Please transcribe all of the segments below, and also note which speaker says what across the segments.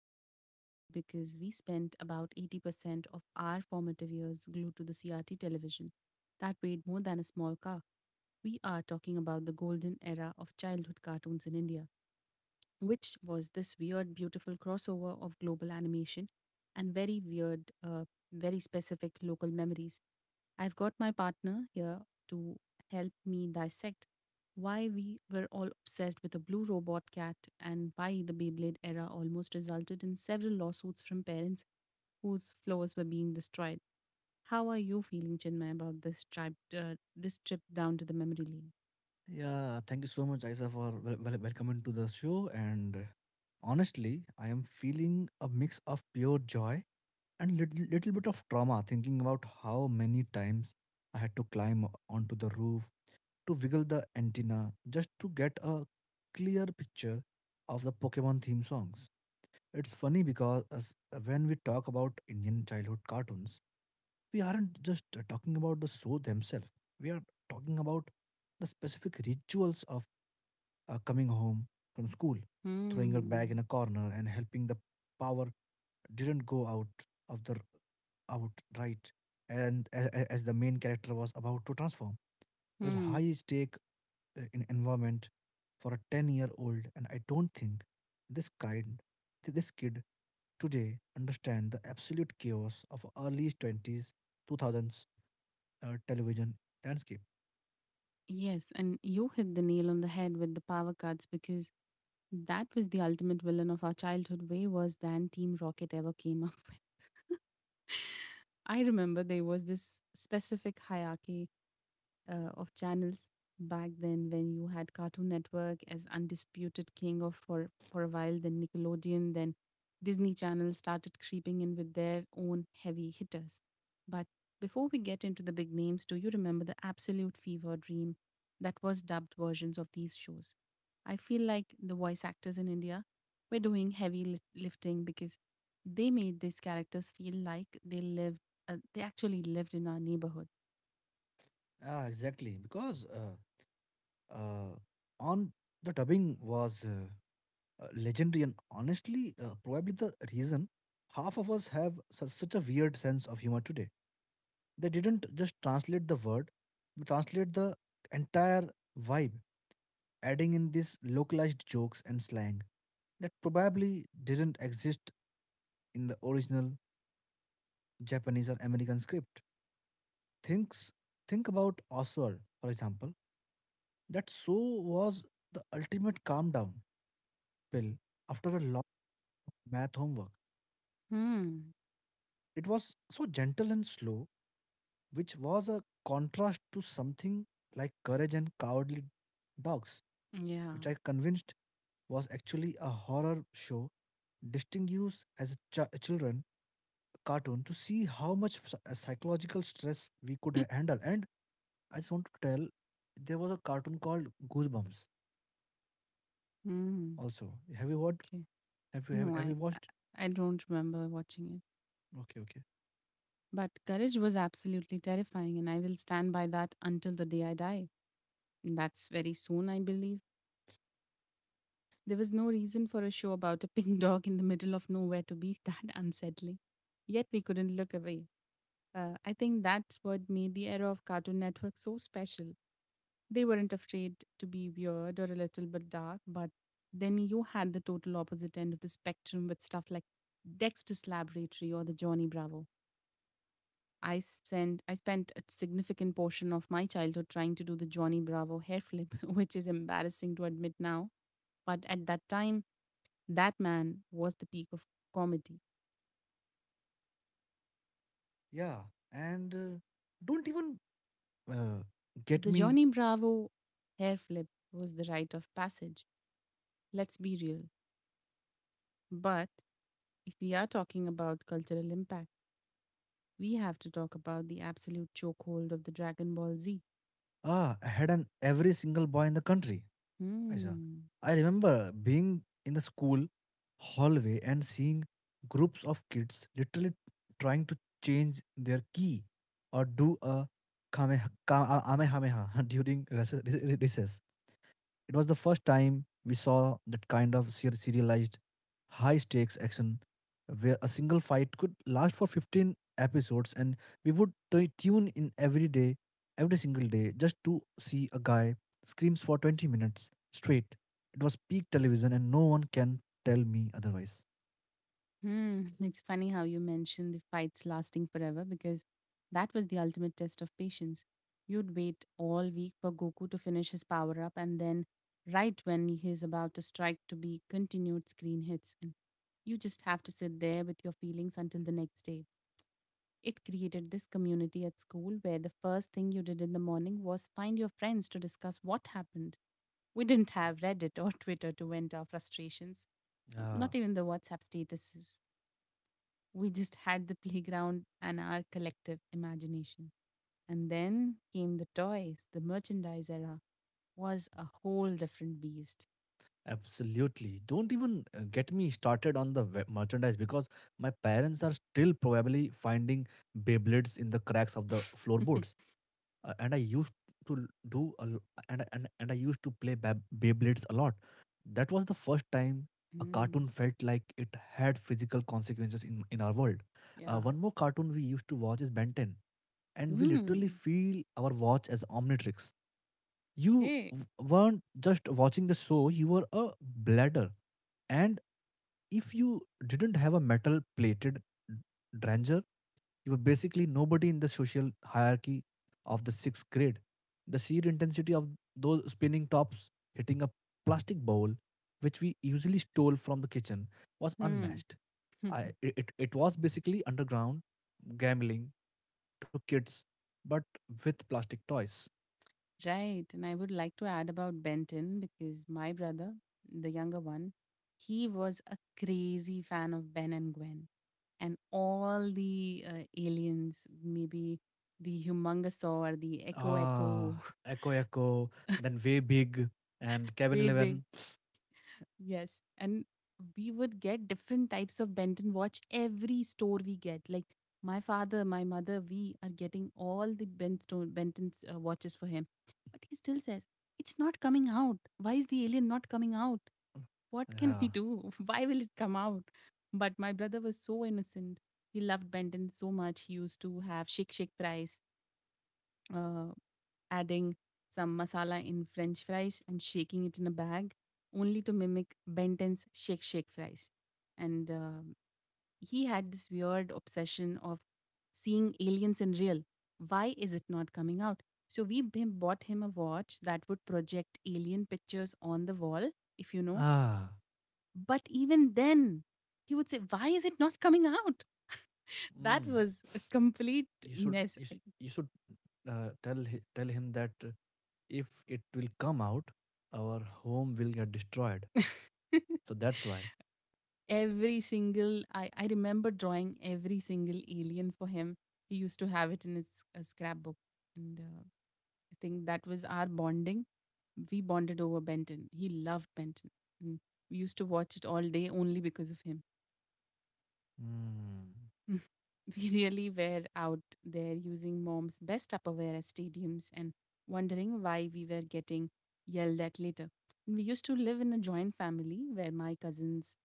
Speaker 1: long time, mostly because we spent about 80% of our formative years glued to the CRT television. That weighed more than a small car. We are talking about the golden era of childhood cartoons in India which was this weird, beautiful crossover of global animation and very very specific local memories. I've got my partner here to help me dissect why we were all obsessed with a blue robot cat and why the Beyblade era almost resulted in several lawsuits from parents whose floors were being destroyed. How are you feeling, Chinmay, about this this trip down to the memory lane?
Speaker 2: Yeah, thank you so much, Isa, for welcoming to the show. And honestly, I am feeling a mix of pure joy and little bit of trauma thinking about how many times I had to climb onto the roof to wiggle the antenna just to get a clear picture of the Pokemon theme songs. It's funny because when we talk about Indian childhood cartoons, we aren't just talking about the show themselves. We are talking about the specific rituals of coming home from school, throwing her
Speaker 1: Hmm.
Speaker 2: bag in a corner and helping the power didn't go out of the out right, and as the main character was about to transform. It was
Speaker 1: Hmm.
Speaker 2: high stake in environment for a 10-year old, and I don't think this kind this kid today understand the absolute chaos of early 20s 2000s television landscape.
Speaker 1: Yes, and you hit the nail on the head with the power cuts because that was the ultimate villain of our childhood, way worse than Team Rocket ever came up with. I remember there was this specific hierarchy of channels back then when you had Cartoon Network as undisputed king of for a while, then Nickelodeon, then Disney Channel started creeping in with their own heavy hitters. But before we get into the big names, do you remember the absolute fever dream that was dubbed versions of these shows? I feel like the voice actors in India were doing heavy lifting because they made these characters feel like they actually lived in our neighborhood.
Speaker 2: Ah, exactly, because uh, on the dubbing was legendary, and honestly probably the reason half of us have such a weird sense of humor today. They didn't just translate the word but translate the entire vibe, adding in these localized jokes and slang that probably didn't exist in the original Japanese or American script. Thinks, think about Oswald, for example. That so was the ultimate calm down pill after a long math homework.
Speaker 1: Hmm.
Speaker 2: It was so gentle and slow, which was a contrast to something like Courage and Cowardly Dogs,
Speaker 1: Yeah.
Speaker 2: which I convinced was actually a horror show distinguished as a children cartoon to see how much psychological stress we could handle. And I just want to tell, there was a cartoon called Goosebumps.
Speaker 1: Mm,
Speaker 2: Also, have you watched?
Speaker 1: okay.
Speaker 2: Have you have,
Speaker 1: No,
Speaker 2: have
Speaker 1: I
Speaker 2: you
Speaker 1: I
Speaker 2: watched?
Speaker 1: I don't remember watching it.
Speaker 2: Okay, okay,
Speaker 1: But Courage was absolutely terrifying, and I will stand by that until the day I die. And that's very soon, I believe. There was no reason for a show about a pink dog in the middle of nowhere to be that unsettling. Yet we couldn't look away. I think that's what made the era of Cartoon Network so special. They weren't afraid to be weird or a little bit dark, but then you had the total opposite end of the spectrum with stuff like Dexter's Laboratory or the Johnny Bravo. I spent a significant portion of my childhood trying to do the Johnny Bravo hair flip, which is embarrassing to admit now, but at that time, that man was the peak of comedy.
Speaker 2: yeah. And don't even uh, get
Speaker 1: The
Speaker 2: me.
Speaker 1: Johnny Bravo hair flip was the rite of passage, let's be real. But if we are talking about cultural impact, we have to talk about the absolute chokehold of the Dragon Ball Z.
Speaker 2: Ah, I had an every single boy in the country, Aisa.
Speaker 1: Hmm.
Speaker 2: I remember being in the school hallway and seeing groups of kids literally trying to change their key or do a kamehameha kamehameha during recess. It was the first time we saw that kind of serialized, high stakes action where a single fight could last for 15 episodes, and we would tune in every day, every single day, just to see a guy screams for 20 minutes straight. It was peak television and no one can tell me otherwise.
Speaker 1: Hmm. It's funny how you mentioned the fights lasting forever because that was the ultimate test of patience. You'd wait all week for Goku to finish his power up, and then, right when he's about to strike, to be continued screen hits. And you just have to sit there with your feelings until the next day. It created this community at school where the first thing you did in the morning was find your friends to discuss what happened. We didn't have Reddit or Twitter to vent our frustrations,
Speaker 2: Yeah.
Speaker 1: not even the WhatsApp statuses. We just had the playground and our collective imagination. And then came the toys. The merchandise era was a whole different beast.
Speaker 2: Absolutely. Don't even get me started on the merchandise because my parents are still probably finding Beyblades in the cracks of the floorboards. And I used to l- do a And I used to play Beyblades a lot. That was the first time a
Speaker 1: mm,
Speaker 2: cartoon felt like it had physical consequences in our world.
Speaker 1: yeah.
Speaker 2: One more cartoon we used to watch is Ben 10, and we
Speaker 1: Mm,
Speaker 2: literally feel our watch as Omnitrix. You
Speaker 1: okay.
Speaker 2: weren't just watching the show, you were a bladder, and if you didn't have a metal plated dranger, you were basically nobody in the social hierarchy of the sixth grade. The sheer intensity of those spinning tops hitting a plastic bowl, which we usually stole from the kitchen, was
Speaker 1: Hmm.
Speaker 2: unmatched. I, it, it was basically underground gambling to kids, but with plastic toys.
Speaker 1: right. And I would like to add about Benton because my brother, the younger one, he was a crazy fan of Ben and Gwen, and all the aliens, maybe the humongousaur, the echo
Speaker 2: Ah,
Speaker 1: echo,
Speaker 2: Echo Echo, then Way Big and Kevin
Speaker 1: way big,
Speaker 2: 11.
Speaker 1: yes. And we would get different types of Benton watch every store we get. Like my father, my mother, we are getting all the Benton's watches for him, but he still says it's not coming out. Why is the alien not coming out? What can we
Speaker 2: Yeah.
Speaker 1: do? Why will it come out? But my brother was so innocent. He loved Benton so much. He used to have Shik Shik Price uh, adding some masala in French fries and shaking it in a bag, only to mimic Benton's shake shake fries. And he had this weird obsession of seeing aliens in real. Why is it not coming out? So we bought him a watch that would project alien pictures on the wall, if you know.
Speaker 2: Ah.
Speaker 1: But even then, he would say, "Why is it not coming out?" That
Speaker 2: Mm.
Speaker 1: was a complete
Speaker 2: You should
Speaker 1: mess.
Speaker 2: you
Speaker 1: I-
Speaker 2: should, you should tell him that if it will come out, our home will get destroyed. So that's why.
Speaker 1: every single I remember drawing every single alien for him. He used to have it in his scrapbook and I think that was our bonding. We bonded over Benton. He loved Benton, and we used to watch it all day only because of him.
Speaker 2: Mm.
Speaker 1: We really were out there using mom's best Tupperware as stadiums and wondering why we were getting yelled at later. And we used to live in a joint family where my cousins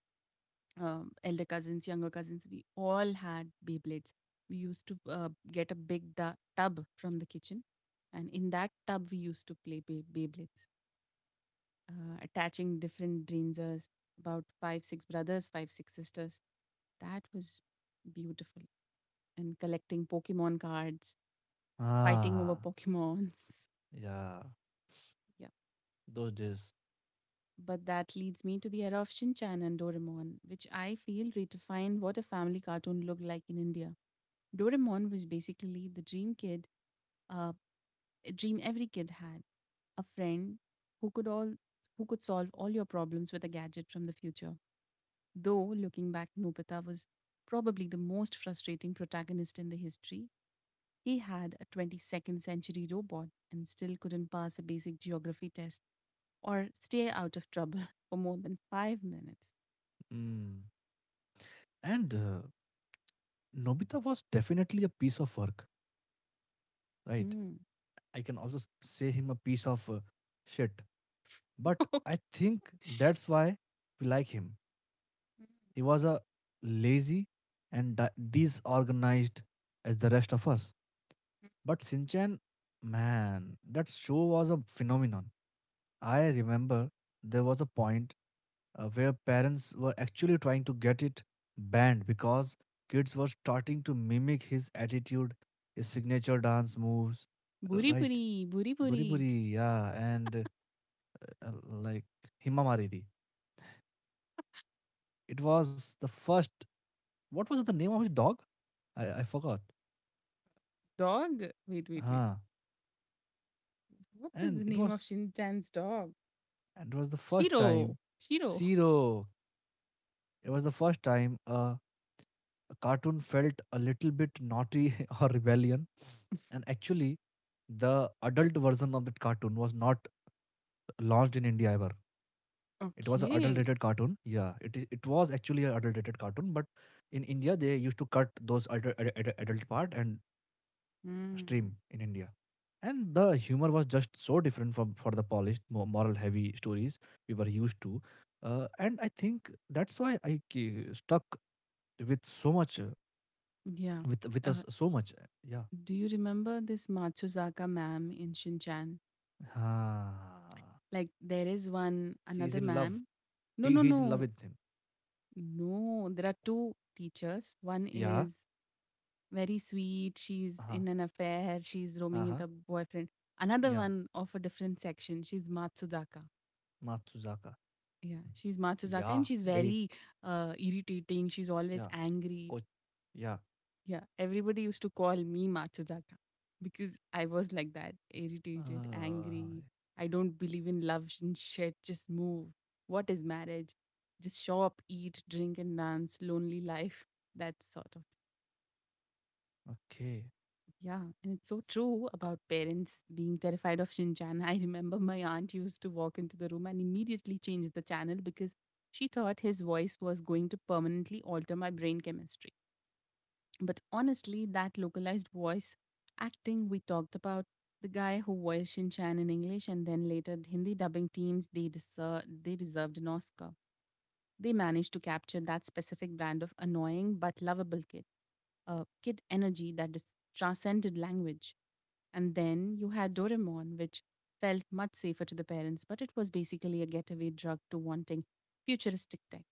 Speaker 1: um, elder cousins, younger cousins, we all had Beyblades. We used to get a big tub from the kitchen, and in that tub, we used to play Beyblades, attaching different Dreenzers, about five, six brothers, five, six sisters. That was beautiful. And collecting Pokemon cards, fighting over
Speaker 2: Ah.
Speaker 1: Pokemons.
Speaker 2: Yeah.
Speaker 1: yeah.
Speaker 2: Those days.
Speaker 1: But that leads me to the era of Shinchan and Doraemon, which I feel redefined what a family cartoon looked like in India. Doraemon was basically the dream kid, uh, a dream every kid had. A friend who could all who could solve all your problems with a gadget from the future. Though looking back, Nobita was probably the most frustrating protagonist in the history. He had a 22nd century robot and still couldn't pass a basic geography test or stay out of trouble for more than 5 minutes.
Speaker 2: Mm. And Nobita was definitely a piece of work, right?
Speaker 1: Hmm.
Speaker 2: I can also say him a piece of shit. But I
Speaker 1: okay.
Speaker 2: think that's why we like him. He was a lazy and disorganized as the rest of us. But Sinchan, man, that show was a phenomenon. I remember there was a point where parents were actually trying to get it banned because kids were starting to mimic his attitude, his signature dance moves,
Speaker 1: Buri
Speaker 2: right?
Speaker 1: buri, buri
Speaker 2: Buri
Speaker 1: buri.
Speaker 2: Buri, yeah, and like Hima Mariri. It was the first What was the name of his dog? I forgot.
Speaker 1: Dog. Wait, wait, wait.
Speaker 2: Ah,
Speaker 1: What was
Speaker 2: and
Speaker 1: the
Speaker 2: it
Speaker 1: name
Speaker 2: was
Speaker 1: of Shintan's dog?
Speaker 2: and it was the first
Speaker 1: Shiro.
Speaker 2: time.
Speaker 1: Shiro.
Speaker 2: Zero. It was the first time a cartoon felt a little bit naughty or rebellion. And actually, the adult version of that cartoon was not launched in India ever. It was an
Speaker 1: Okay.
Speaker 2: adult-rated cartoon. Yeah, it is. It was actually an adult-rated cartoon, but in India they used to cut those adult part and
Speaker 1: Mm.
Speaker 2: stream in India. And the humor was just so different from for the polished moral heavy stories we were used to, and I think that's why stuck with so much,
Speaker 1: Yeah.
Speaker 2: with us
Speaker 1: Uh,
Speaker 2: so much. Yeah.
Speaker 1: do you remember this Matsuzaka ma'am in Shinchan?
Speaker 2: Ah,
Speaker 1: Like there is one
Speaker 2: she's in
Speaker 1: another
Speaker 2: love.
Speaker 1: ma'am.
Speaker 2: he
Speaker 1: No,
Speaker 2: he's
Speaker 1: no,
Speaker 2: in love with
Speaker 1: no.
Speaker 2: him.
Speaker 1: No, there are two teachers. One
Speaker 2: Yeah.
Speaker 1: is very sweet. She's
Speaker 2: Uh-huh.
Speaker 1: in an affair. She's roaming with
Speaker 2: Uh-huh.
Speaker 1: a boyfriend. Another
Speaker 2: Yeah.
Speaker 1: one of a different section. She's Matsuzaka.
Speaker 2: Matsuzaka.
Speaker 1: Yeah, she's Matsuzaka
Speaker 2: Yeah.
Speaker 1: and she's
Speaker 2: They.
Speaker 1: very irritating. She's always
Speaker 2: Yeah.
Speaker 1: angry.
Speaker 2: Coach. Yeah.
Speaker 1: Yeah, everybody used to call me Matsuzaka because I was like that irritated,
Speaker 2: uh,
Speaker 1: angry. I don't believe in love and shit. Just move. What is marriage? Just show up, eat, drink, and dance. Lonely life. That sort of.
Speaker 2: okay.
Speaker 1: Yeah, and it's so true about parents being terrified of Shinjan. I remember my aunt used to walk into the room and immediately change the channel because she thought his voice was going to permanently alter my brain chemistry. But honestly, that localized voice acting we talked about, the guy who voiced Shinchan in English and then later Hindi dubbing teams, they deserved an Oscar. They managed to capture that specific brand of annoying but lovable kid, a kid energy that transcended language. And then you had Doraemon, which felt much safer to the parents, but it was basically a getaway drug to wanting futuristic tech.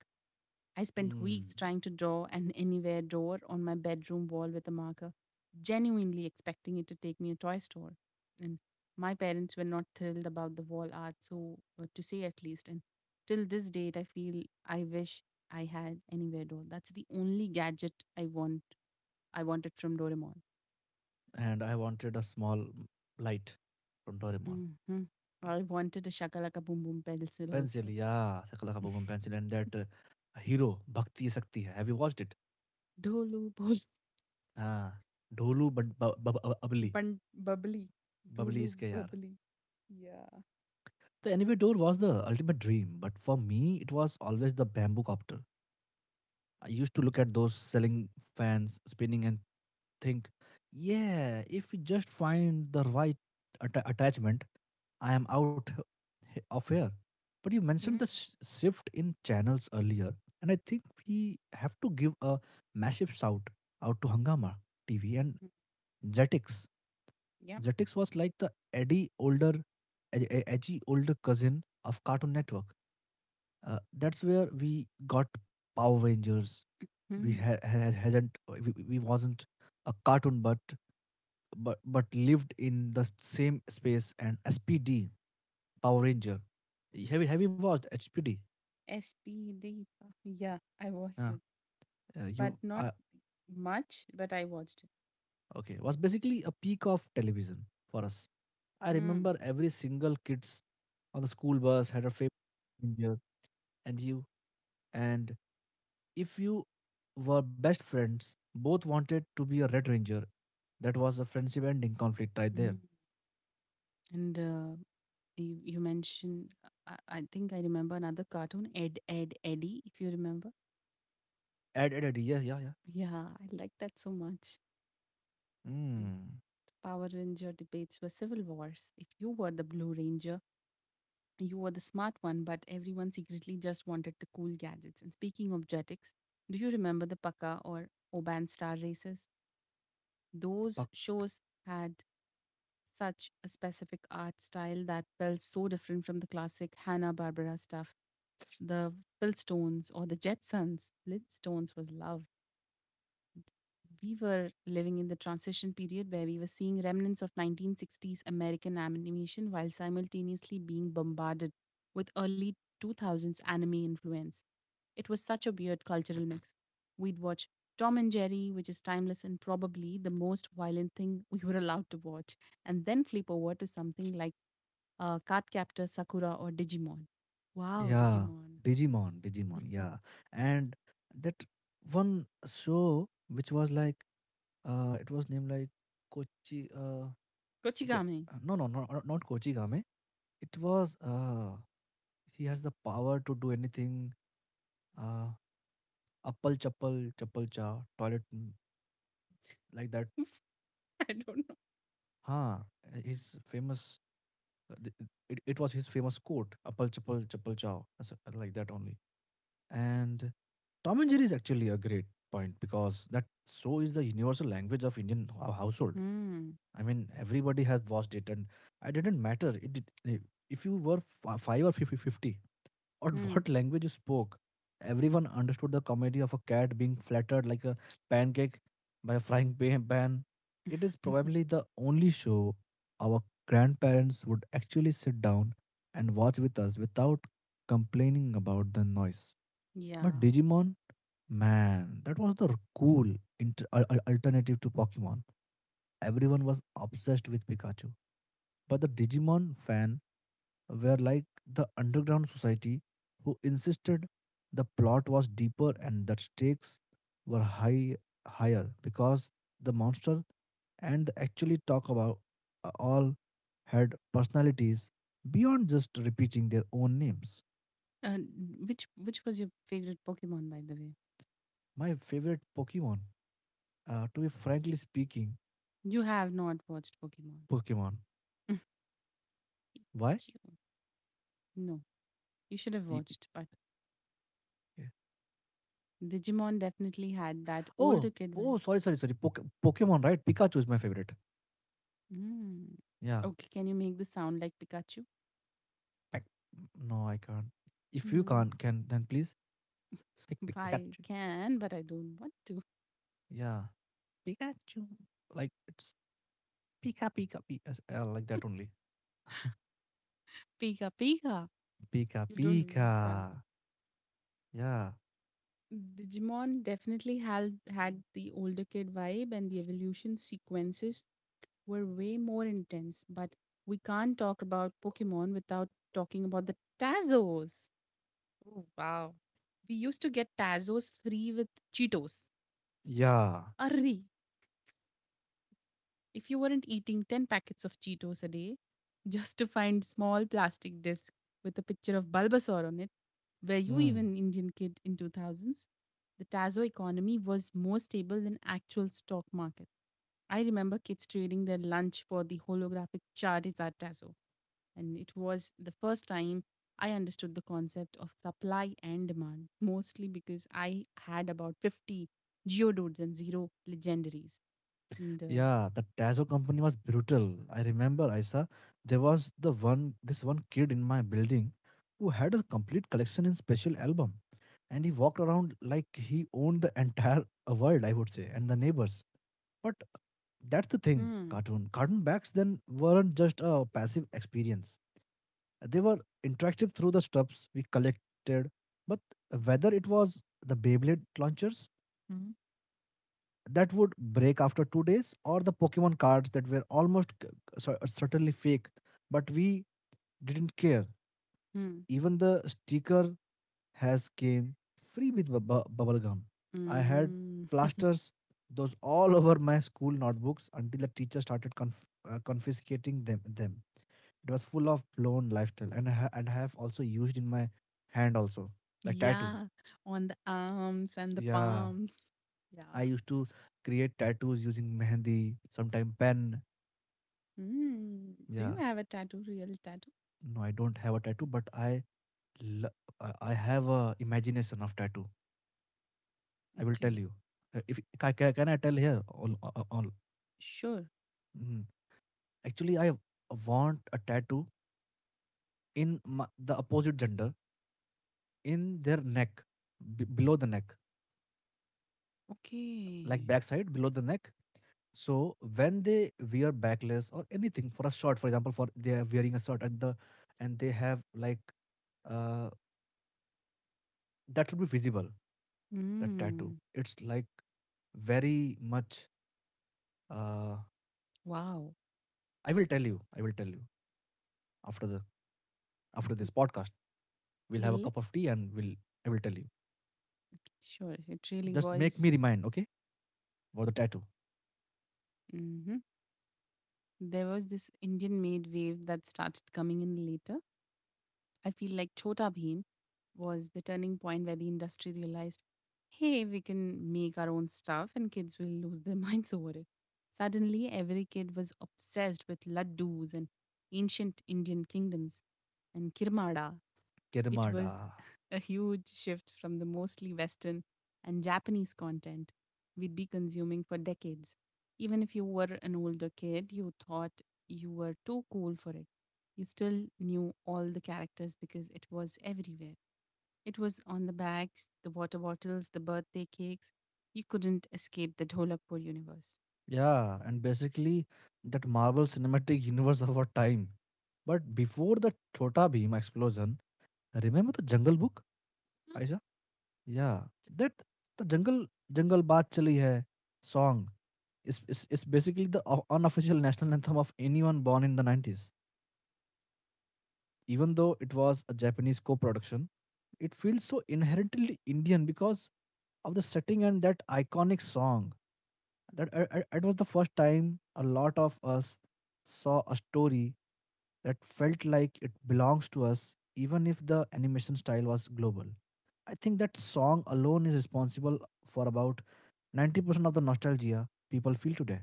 Speaker 1: I spent
Speaker 2: Hmm.
Speaker 1: weeks trying to draw an anywhere door on my bedroom wall with a marker, genuinely expecting it to take me a toy store. And my parents were not thrilled about the wall art, so to say at least. And till this date, I feel I wish I had anywhere door. That's the only gadget I want. I wanted from Doraemon.
Speaker 2: And I wanted a small light from Doraemon.
Speaker 1: Hmm I wanted a shakalaka boom boom pencil
Speaker 2: Pencil,
Speaker 1: also.
Speaker 2: yeah, Sakala Kaboom Pencil, and that hero Bhakti Sakti. Have you watched it?
Speaker 1: Dolu bol
Speaker 2: Ah, Dholu Bad- Ba- Ba- Ba- Babli,
Speaker 1: bun bubbly.
Speaker 2: Babli
Speaker 1: Dolu
Speaker 2: iske yaar.
Speaker 1: bubbly. Yeah.
Speaker 2: The anyway door was the ultimate dream, but for me it was always the bamboo copter. I used to look at those selling fans spinning and think, yeah, if we just find the right attachment, I am out of here. But you mentioned the shift in channels earlier, and I think we have to give a massive shout out to Hangama TV and
Speaker 1: Mm-hmm.
Speaker 2: Jetix. Jetix was like the Eddie older, ed- ed- edgy older cousin of Cartoon Network. That's where we got Power Rangers. We ha-
Speaker 1: Hmm.
Speaker 2: ha- hasn't we wasn't a cartoon, but but lived in the same space, and SPD Power Ranger. Have you watched SPD?
Speaker 1: SP Deepa. Yeah, I watched
Speaker 2: Uh,
Speaker 1: it, but
Speaker 2: you,
Speaker 1: not much, but I watched it.
Speaker 2: okay? Was basically a peak of television for us. I
Speaker 1: Mm.
Speaker 2: remember every single kids on the school bus had a favorite ranger, and you and if you were best friends, both wanted to be a red ranger. That was a friendship ending conflict right
Speaker 1: Mm.
Speaker 2: there.
Speaker 1: And you mentioned, I think I remember another cartoon, Eddie, if you remember.
Speaker 2: Add, add, add. Yeah, yeah,
Speaker 1: Yeah, I like that so much.
Speaker 2: yeah.
Speaker 1: Mm.
Speaker 2: Mm.
Speaker 1: Power Ranger debates were civil wars. If you were the Blue Ranger, you were the smart one, but everyone secretly just wanted the cool gadgets. And speaking of jetix, do you remember the Paka or Oban star races? Those shows had such a specific art style that felt so different from the classic Hanna-Barbera stuff. The Flintstones or the Jetsons. Flintstones was love. We were living in the transition period where we were seeing remnants of 1960s American animation while simultaneously being bombarded with early 2000s anime influence. It was such a weird cultural mix. We'd watch Tom and Jerry, which is timeless and probably the most violent thing we were allowed to watch, and then flip over to something like Cardcaptor, Sakura, or Digimon. Wow,
Speaker 2: Yeah,
Speaker 1: Digimon.
Speaker 2: Digimon, Digimon, yeah. And that one show which was like it was named like Kochi it wa-
Speaker 1: Kochigame.
Speaker 2: no, no, no, not Kochi Game. It was he has the power to do anything, uh appal chappal chappal cha toilet, like that.
Speaker 1: I don't know.
Speaker 2: Huh, his famous uh, th- it was his famous quote appal chappal chappal chow, like that only. And Tom and Jerry is actually a great point because that show is the universal language of Indian household.
Speaker 1: Hmm.
Speaker 2: I mean, everybody has watched it, and it didn't matter. If you were five or fifty, 50, or what language you spoke, everyone understood the comedy of a cat being flattered like a pancake by a frying pan. It is
Speaker 1: Hmm.
Speaker 2: probably the only show our grandparents would actually sit down and watch with us without complaining about the noise. But
Speaker 1: yeah.
Speaker 2: Digimon, man, that was the cool alternative to Pokemon. Everyone was obsessed with Pikachu. But the Digimon fan were like the underground society who insisted the plot was deeper and the stakes were higher because the monster, and the actually talk about all, had personalities beyond just repeating their own names.
Speaker 1: Uh, which was your favorite Pokemon, by the way?
Speaker 2: My favorite Pokemon, to be frankly speaking,
Speaker 1: You have not watched Pokemon.
Speaker 2: Pokemon. Why?
Speaker 1: You- no, you should have
Speaker 2: Y y
Speaker 1: watched. But
Speaker 2: Yeah.
Speaker 1: Digimon definitely had that
Speaker 2: Oh!
Speaker 1: older kid vibe.
Speaker 2: Oh, sorry, sorry, sorry. Pokemon, right? Pikachu is my favorite.
Speaker 1: Mm.
Speaker 2: Yeah.
Speaker 1: Okay, can you make the sound like Pikachu?
Speaker 2: Pik No, I can't. If you
Speaker 1: Mm.
Speaker 2: can't, can then please pick pick
Speaker 1: I
Speaker 2: Pikachu.
Speaker 1: can, but I don't want to.
Speaker 2: Yeah. Pikachu. Like, it's Pika Pika Pi, like that only.
Speaker 1: Pika Pika.
Speaker 2: Pika
Speaker 1: You don't know.
Speaker 2: Pika.
Speaker 1: You can't.
Speaker 2: Yeah.
Speaker 1: Digimon definitely had the older kid vibe, and the evolution sequences were way more intense, but we can't talk about Pokemon without talking about the Tazos. Oh, wow. We used to get Tazos free with Cheetos.
Speaker 2: Yeah.
Speaker 1: Arre, if you weren't eating 10 packets of Cheetos a day just to find small plastic disc with a picture of Bulbasaur on it, were you
Speaker 2: Mm.
Speaker 1: even Indian kid in 2000s? The Tazo economy was more stable than actual stock market. I remember kids trading their lunch for the holographic Charizard Tazo, and it was the first time I understood the concept of supply and demand, mostly because I had about 50 Geodudes and zero legendaries. And
Speaker 2: Yeah, the Tazo company was brutal. I remember, Isa, there was the one this one kid in my building who had a complete collection in special album, and he walked around like he owned the entire world, I would say, and the neighbors. But that's the thing,
Speaker 1: hmm.
Speaker 2: cartoon backs then weren't just a passive experience. They were interactive through the stuffs we collected. But whether it was the Beyblade launchers
Speaker 1: Mhm.
Speaker 2: that would break after 2 days, or the Pokemon cards that were almost certainly fake, but we didn't care. Even the sticker has came free with bubble gum. I had
Speaker 1: Mm.
Speaker 2: plasters those all over my school notebooks until the teacher started confiscating them. It was full of blown lifestyle, and I have also used in my hand also like tattoo.
Speaker 1: Yeah, on the arms and the
Speaker 2: Yeah,
Speaker 1: palms. Yeah.
Speaker 2: I used to create tattoos using mehendi, sometime pen.
Speaker 1: Mm. Do you
Speaker 2: Yeah,
Speaker 1: have a tattoo, real tattoo?
Speaker 2: no, I don't have a tattoo, but I lo- I have a imagination of tattoo. I will tell
Speaker 1: Okay.
Speaker 2: you. If can I tell here all.
Speaker 1: Sure.
Speaker 2: Mhm. Actually, I want a tattoo in the opposite gender in their neck, below the neck, like
Speaker 1: Okay.
Speaker 2: backside below the neck. So when they wear backless or anything for a shirt, for example, for they are wearing a shirt at the and they have like uh that should be visible. That tattoo.
Speaker 1: Mm.
Speaker 2: It's like very much. uh
Speaker 1: Wow.
Speaker 2: I will tell you. I will tell you after the after
Speaker 1: Mm.
Speaker 2: this podcast. We'll have a cup
Speaker 1: Let's.
Speaker 2: of tea, and we'll I will tell you.
Speaker 1: Okay, sure. It really
Speaker 2: Just make me
Speaker 1: was.
Speaker 2: remind, okay? About the tattoo.
Speaker 1: Hmm. There was this Indian made wave that started coming in later. I feel like Chhota Bhim was the turning point where the industry realized, hey, we can make our own stuff and kids will lose their minds over it. Suddenly, every kid was obsessed with laddus and ancient Indian kingdoms and kirmada. It was
Speaker 2: Kirimada.
Speaker 1: a huge shift from the mostly Western and Japanese content we'd be consuming for decades. Even if you were an older kid, you thought you were too cool for it, you still knew all the characters because it was everywhere. It was on the bags, the water bottles, the birthday cakes. You couldn't escape the Dholakpur universe.
Speaker 2: Yeah, and basically that Marvel Cinematic Universe of our time. But before the Chota Beam explosion, remember the Jungle Book, Aisha? Yeah, that the Jungle Jungle Baat Chali Hai song is basically the unofficial national anthem of anyone born in the 90s. Even though it was a Japanese co production, it feels so inherently Indian because of the setting and that iconic song. That It was the first time a lot of us saw a story that felt like it belongs to us, even if the animation style was global. I think that song alone is responsible for about 90% of the nostalgia people feel today.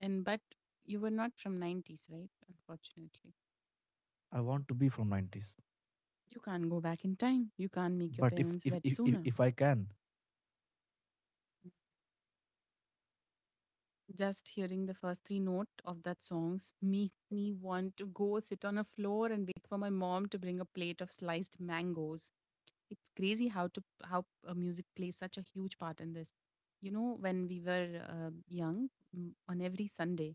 Speaker 1: And but you were not from 90s, right? Unfortunately.
Speaker 2: I want to be from 90s.
Speaker 1: You can't go back in time. You can't make your
Speaker 2: But if
Speaker 1: parents
Speaker 2: if
Speaker 1: wet
Speaker 2: if, if,
Speaker 1: sooner.
Speaker 2: if I can,
Speaker 1: Just hearing the first three note of that songs make me want to go sit on a floor and wait for my mom to bring a plate of sliced mangoes. It's crazy how to how music plays such a huge part in this. You know, when we were young, on every Sunday,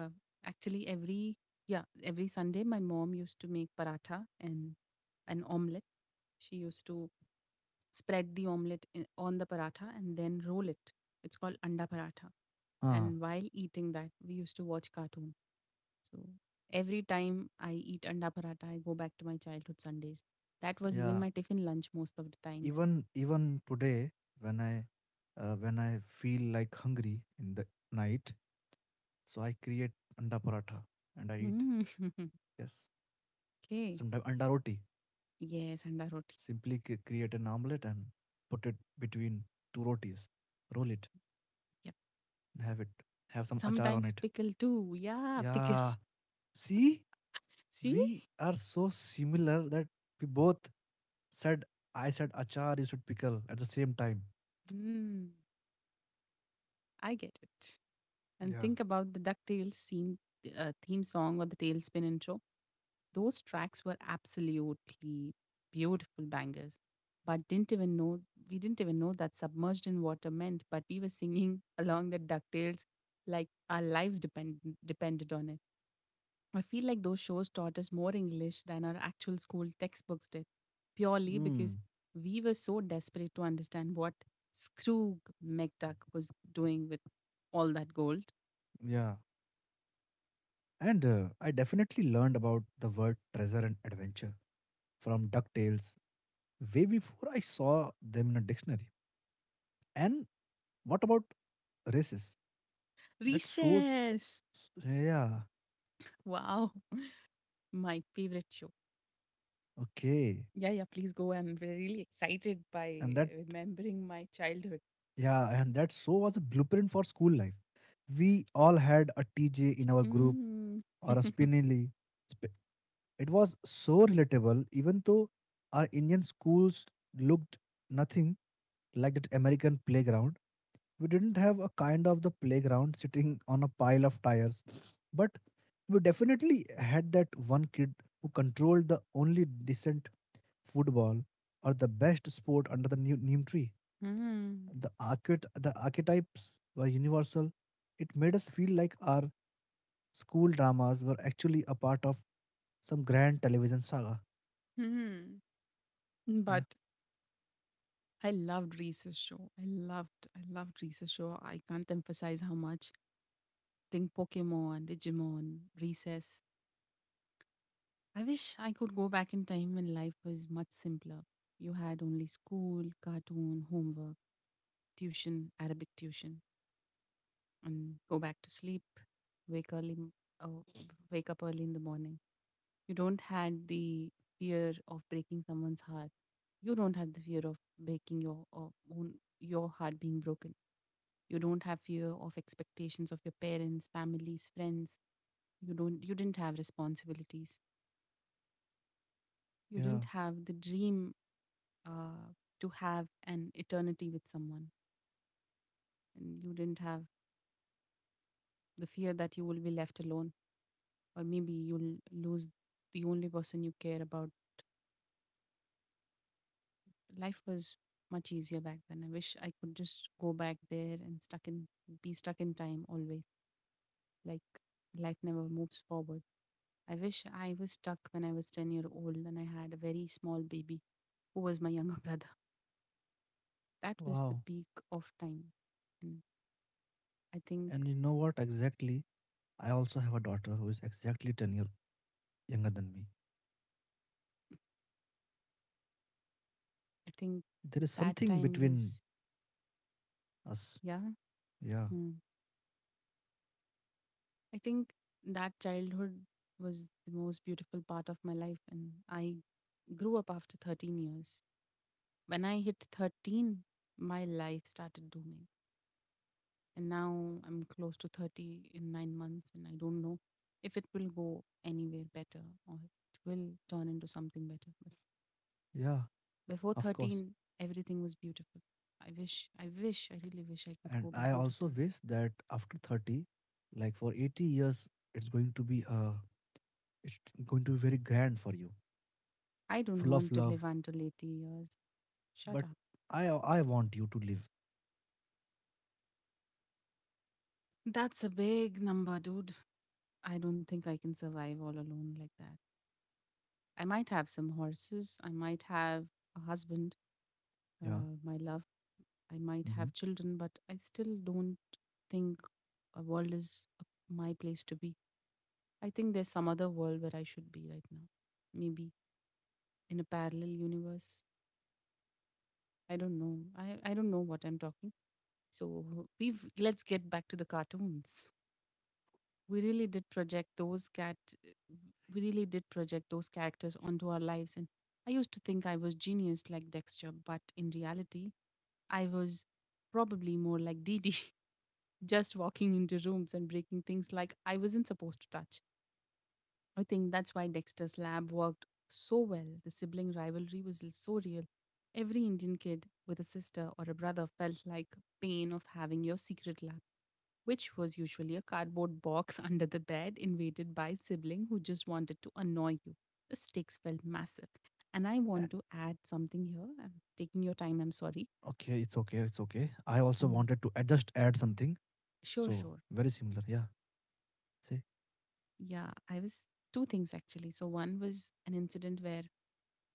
Speaker 1: uh, actually every yeah every Sunday, my mom used to make paratha and an omelette. She used to spread the omelette in, on the paratha and then roll it. It's called anda paratha,
Speaker 2: ah,
Speaker 1: and while eating that we used to watch cartoon. So every time I eat anda paratha I go back to my childhood Sundays. That was even
Speaker 2: yeah.
Speaker 1: my tiffin lunch most of the times.
Speaker 2: Even today, when I feel like hungry in the night, so I create anda paratha and I eat.
Speaker 1: Mm.
Speaker 2: Yes,
Speaker 1: Okay.
Speaker 2: sometimes anda roti.
Speaker 1: Yes, and roti.
Speaker 2: Simply create an omelette and put it between two rotis, roll it
Speaker 1: Yep.
Speaker 2: and have it. Have some achar on
Speaker 1: Sometimes
Speaker 2: it.
Speaker 1: pickle too. Yeah, pickle.
Speaker 2: Yeah, see,
Speaker 1: See?
Speaker 2: we are so similar that we both said, I said achar, you said pickle at the same time.
Speaker 1: Mm. I get it. And
Speaker 2: Yeah.
Speaker 1: think about the DuckTales theme, theme song or the Tailspin intro. Those tracks were absolutely beautiful bangers. But didn't even know, we didn't even know that submerged in water meant, but we were singing along the DuckTales like our lives depended on it. I feel like those shows taught us more English than our actual school textbooks did, purely
Speaker 2: Mm,
Speaker 1: because we were so desperate to understand what Scrooge McDuck was doing with all that gold.
Speaker 2: yeah. And I definitely learned about the word treasure and adventure from DuckTales way before I saw them in a dictionary. And what about races? That shows,
Speaker 1: Recess!
Speaker 2: yeah,
Speaker 1: Wow, my favorite show.
Speaker 2: okay.
Speaker 1: Yeah, yeah, please go. I'm really excited by
Speaker 2: And that,
Speaker 1: remembering my childhood.
Speaker 2: yeah, and that show was a blueprint for school life. We all had a TJ in our group
Speaker 1: Mm.
Speaker 2: or a Spinelli. Sp- It was so relatable, even though our Indian schools looked nothing like that American playground. We didn't have a kind of the playground sitting on a pile of tires, but we definitely had that one kid who controlled the only decent football or the best sport under the new neem tree.
Speaker 1: Mm.
Speaker 2: The archetypes were universal. It made us feel like our school dramas were actually a part of some grand television saga.
Speaker 1: Mm.
Speaker 2: Yeah,
Speaker 1: But I loved Reese's show. I loved Reese's show. I can't emphasize how much. Think Pokemon, Digimon, recess. I wish I could go back in time when life was much simpler. You had only school, cartoon, homework, tuition, Arabic tuition, and go back to sleep, wake early, m- uh, wake up early in the morning. You don't had the fear of breaking someone's heart. You don't have the fear of breaking your own your heart being broken. You don't have fear of expectations of your parents, families, friends. You didn't have responsibilities, you
Speaker 2: yeah,
Speaker 1: didn't have the dream uh, to have an eternity with someone, and you didn't have the fear that you will be left alone or maybe you'll lose the only person you care about. Life was much easier back then. I wish I could just go back there and stuck in be stuck in time always, like life never moves forward. I wish I was stuck when I was 10-year-old and I had a very small baby who was my younger brother. That was the
Speaker 2: wow.
Speaker 1: peak of time, and i think
Speaker 2: And you know what exactly? I also have a daughter who is exactly 10 years younger than me.
Speaker 1: i think
Speaker 2: There is
Speaker 1: that
Speaker 2: something
Speaker 1: time
Speaker 2: between
Speaker 1: was,
Speaker 2: us.
Speaker 1: yeah.
Speaker 2: Yeah,
Speaker 1: Mm. I think that childhood was the most beautiful part of my life, and I grew up after 13 years. When I hit 13 my life started dooming, and now I'm close to 30 in 9 months and I don't know if it will go anywhere better or it will turn into something better.
Speaker 2: yeah,
Speaker 1: Before
Speaker 2: of course.
Speaker 1: 13, everything was beautiful. I really wish I could
Speaker 2: And
Speaker 1: go
Speaker 2: I
Speaker 1: back into
Speaker 2: also
Speaker 1: time.
Speaker 2: wish that after 30, like for 80 years, it's going to be uh it's going to be very grand for you,
Speaker 1: I don't
Speaker 2: full of
Speaker 1: want to live
Speaker 2: love.
Speaker 1: until 80 years. Shut
Speaker 2: But
Speaker 1: up.
Speaker 2: I want you to live.
Speaker 1: That's a big number, dude. I don't think I can survive all alone like that. I might have some horses. I might have a husband,
Speaker 2: Yeah.
Speaker 1: my love. I might
Speaker 2: Mm-hmm.
Speaker 1: have children, but I still don't think a world is my place to be. I think there's some other world where I should be right now. Maybe in a parallel universe. I don't know. I don't know what I'm talking. So we've let's get back to the cartoons. We really did project those cat we really did project those characters onto our lives, and I used to think I was genius like Dexter, but in reality I was probably more like Dee Dee, just walking into rooms and breaking things like I wasn't supposed to touch. I think that's why Dexter's lab worked so well. The sibling rivalry was so real. Every Indian kid with a sister or a brother felt like pain of having your secret lab, which was usually a cardboard box under the bed invaded by sibling who just wanted to annoy you. The stakes felt massive. And I want to add something here. I'm taking your time, I'm sorry.
Speaker 2: Okay, it's okay, it's okay. I also
Speaker 1: And
Speaker 2: wanted to add, just add something.
Speaker 1: sure,
Speaker 2: So
Speaker 1: sure.
Speaker 2: very similar. Yeah. See.
Speaker 1: Yeah, I was two things actually. So one was an incident where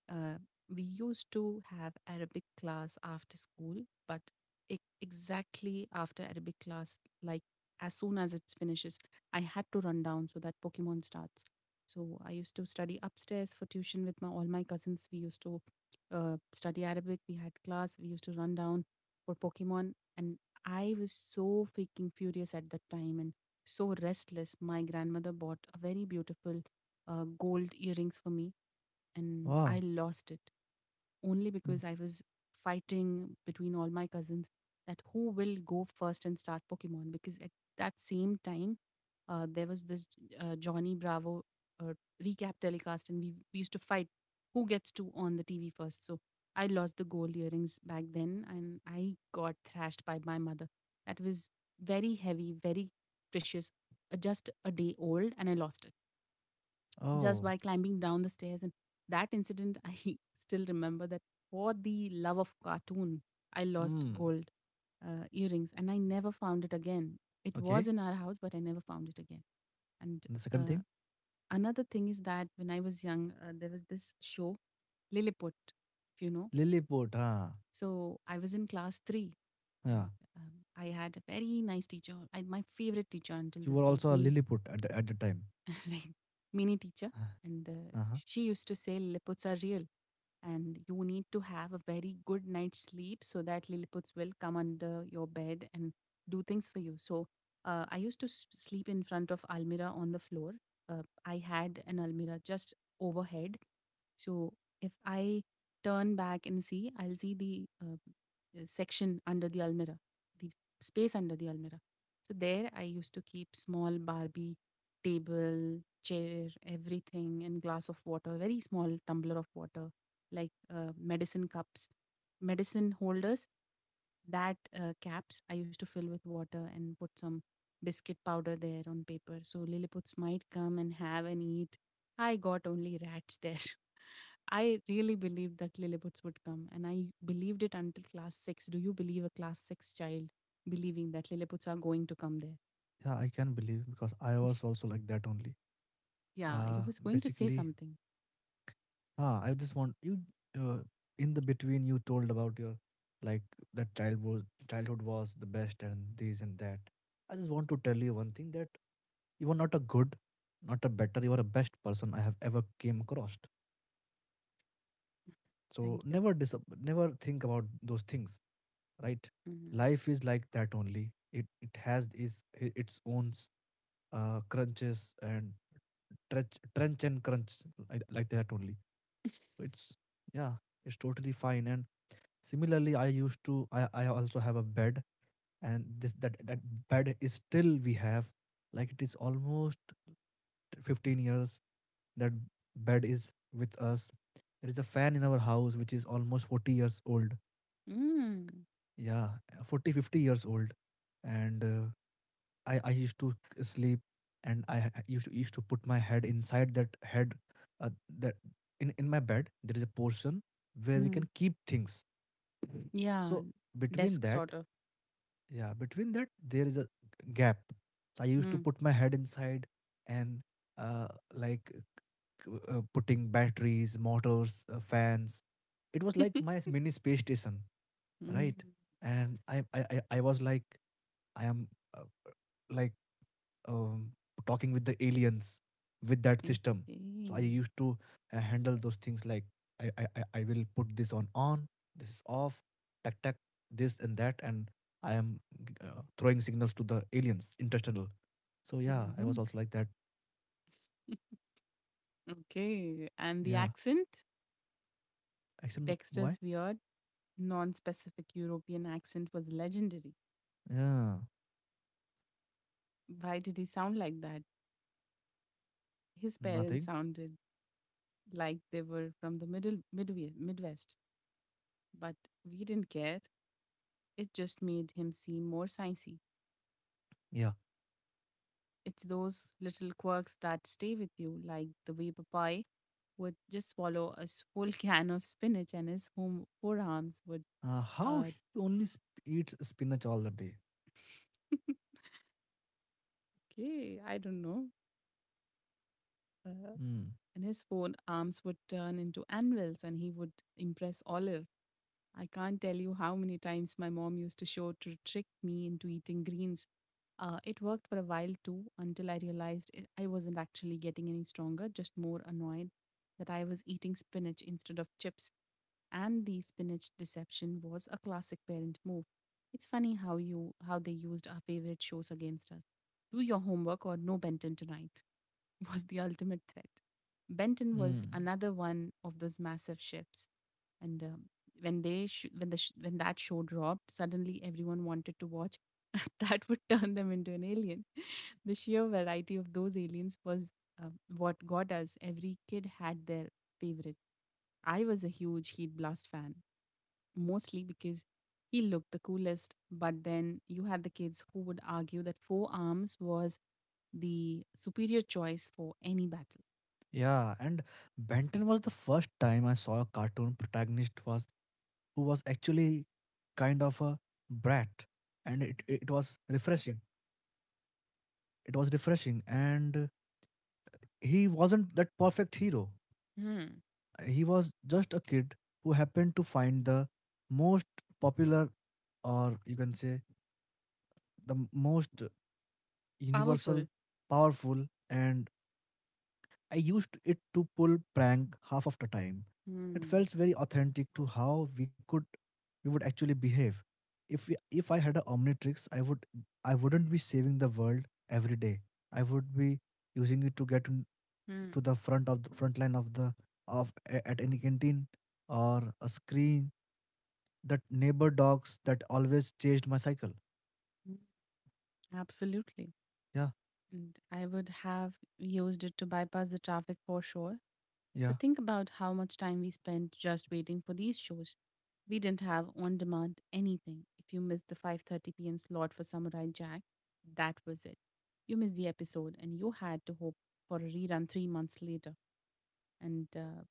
Speaker 1: Uh, we used to have Arabic class after school, but exactly after Arabic class, like as soon as it finishes, I had to run down so that Pokemon starts. So I used to study upstairs for tuition with my all my cousins. We used to study Arabic. We had class. We used to run down for Pokemon, and I was so freaking furious at that time and so restless. My grandmother bought a very beautiful gold earrings for me and I
Speaker 2: Wow.
Speaker 1: lost it only
Speaker 2: Mm.
Speaker 1: because I was fighting between all my cousins that who will go first and start Pokemon. Because at that same time, there was this Johnny Bravo uh, recap telecast, and we used to fight who gets to on the TV first. So I lost the gold earrings back then, and I got thrashed by my mother. That was very heavy, very precious, just a day old, and I lost it just
Speaker 2: Oh.
Speaker 1: by climbing down the stairs. And that incident, I still remember that for the love of cartoon, I lost
Speaker 2: Hmm.
Speaker 1: gold earrings, and I never found it again. It was
Speaker 2: Okay.
Speaker 1: in our house, but I never found it again. And
Speaker 2: And the second
Speaker 1: uh,
Speaker 2: thing,
Speaker 1: another thing is that when I was young, there was this show, Lilliput, if you know.
Speaker 2: Lilliput. Huh?
Speaker 1: So I was in class three, and,
Speaker 2: Yeah.
Speaker 1: Um, I had a very nice teacher, my favorite teacher until
Speaker 2: You
Speaker 1: this
Speaker 2: were
Speaker 1: date,
Speaker 2: also a Lilliput at the time.
Speaker 1: like mini teacher,
Speaker 2: Uh,
Speaker 1: and
Speaker 2: Uh-huh.
Speaker 1: she used to say lilliputs are real and you need to have a very good night's sleep so that lilliputs will come under your bed and do things for you. So I used to sleep in front of almira on the floor. I had an almira just overhead, so if I turn back and see, I'll see the section under the almira, the space under the almira. So there I used to keep small Barbie table, chair, everything, and glass of water, very small tumbler of water, like medicine cups, medicine holders, that caps I used to fill with water and put some biscuit powder there on paper, so Lilliputs might come and have and eat. I got only rats there. I really believed that Lilliputs would come, and I believed it until class six. Do you believe a class six child believing that Lilliputs are going to come there?
Speaker 2: Yeah, I can believe because I was also like that only.
Speaker 1: Yeah, you
Speaker 2: Uh
Speaker 1: was going to say
Speaker 2: Basically,
Speaker 1: something.
Speaker 2: I just want you uh, in the between you told about your, like, that childhood was the best and this and that. I just want to tell you one thing that you were not a good, not a better, you were a best person I have ever came across. So
Speaker 1: Thank you.
Speaker 2: never think about those things, right?
Speaker 1: Mhm.
Speaker 2: Life is like that only. It has is its own, crunches and trench and crunch, like that only. So it's yeah, it's totally fine. And similarly, I used to I also have a bed, and this that that bed is still we have. Like it is almost 15 years that bed is with us. There is a fan in our house which is almost 40 years old.
Speaker 1: Mm.
Speaker 2: Yeah, 40-50 years old. And I used to sleep. And I used to put my head inside that head, uh, that in my bed there is a portion where we
Speaker 1: Mm.
Speaker 2: can keep things.
Speaker 1: Yeah,
Speaker 2: So between
Speaker 1: desk
Speaker 2: that
Speaker 1: sort of.
Speaker 2: yeah, between that there is a gap. So I used to
Speaker 1: Mm.
Speaker 2: put my head inside. And uh, like, putting batteries, motors, fans. It was like my mini space station.
Speaker 1: Mm.
Speaker 2: Right. And I was like, I am, uh, like, um, talking with the aliens with that
Speaker 1: Okay.
Speaker 2: system. So I used to handle those things. Like, I will put this on, this is off, tack tack this and that. And I am, throwing signals to the aliens, interstellar. So yeah, I
Speaker 1: Hmm.
Speaker 2: was also like that.
Speaker 1: Okay. And the
Speaker 2: Yeah,
Speaker 1: accent?
Speaker 2: except why.
Speaker 1: Dexter's weird, non specific European accent was legendary.
Speaker 2: Yeah.
Speaker 1: Why did he sound like that? His parents
Speaker 2: Nothing.
Speaker 1: sounded like they were from the Midwest, but we didn't care. It just made him seem more sciencey.
Speaker 2: Yeah.
Speaker 1: It's those little quirks that stay with you, like the way Popeye would just swallow whole can of spinach and his home forearms would.
Speaker 2: How
Speaker 1: Uh,
Speaker 2: he only eats spinach all the day.
Speaker 1: okay, I don't know. Uh,
Speaker 2: Mm,
Speaker 1: and his forearms would turn into anvils and he would impress Olive. I can't tell you how many times my mom used to show to trick me into eating greens. It worked for a while too until I realized it, I wasn't actually getting any stronger, just more annoyed that I was eating spinach instead of chips. And the spinach deception was a classic parent move. It's funny how you how they used our favorite shows against us. Do your homework or no Benton tonight, was the ultimate threat. Benton was
Speaker 2: mm.
Speaker 1: another one of those massive shifts, and when they sh- when the sh- when that show dropped, suddenly everyone wanted to watch. That would turn them into an alien. The sheer variety of those aliens was what got us. Every kid had their favorite. I was a huge Heat Blast fan, mostly because he looked the coolest. But then you had the kids who would argue that four arms was the superior choice for any battle.
Speaker 2: Yeah, and Benton was the first time I saw a cartoon protagonist was who was actually kind of a brat, and it was refreshing. It was refreshing, and he wasn't that perfect hero. He was just a kid who happened to find the most popular, or you can say the most universal,
Speaker 1: Powerful.
Speaker 2: powerful, and I used it to pull prank half of the time. It
Speaker 1: Hmm.
Speaker 2: felt very authentic to how we could we would actually behave. If we, if I had a Omnitrix, I would I wouldn't be saving the world every day. I would be using it to get in- to
Speaker 1: Hmm.
Speaker 2: the front of the front line of the of a- at any canteen or a screen that neighbor dogs that always chased my cycle.
Speaker 1: Hmm. Absolutely.
Speaker 2: Yeah,
Speaker 1: And I would have used it to bypass the traffic for sure.
Speaker 2: yeah,
Speaker 1: But think about how much time we spent just waiting for these shows. We didn't have on demand anything. If you missed the 5:30 p.m. slot for Samurai Jack, that was it. You missed the episode and you had to hope for a rerun 3 months later. And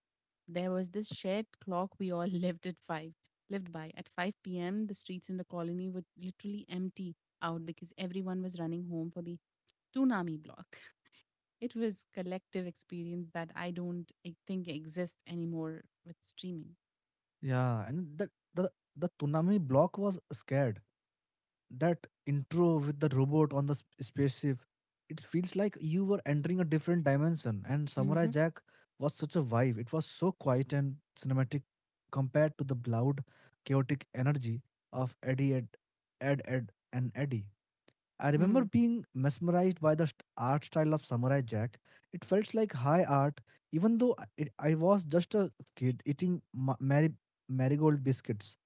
Speaker 1: There was this shared clock we all lived by. At five p.m., the streets in the colony would literally empty out because everyone was running home for the tsunami block. It was collective experience that I don't think exists anymore with streaming.
Speaker 2: yeah. And the tsunami block was scared. That intro with the robot on the spaceship, it feels like you were entering a different dimension. And Samurai
Speaker 1: Mm-hmm.
Speaker 2: Jack was such a vibe. It was so quiet and cinematic compared to the loud chaotic energy of Eddie Ed and Eddie. I remember
Speaker 1: Hmm.
Speaker 2: being mesmerized by the art style of Samurai Jack. It felt like high art, even though I was just a kid eating marigold biscuits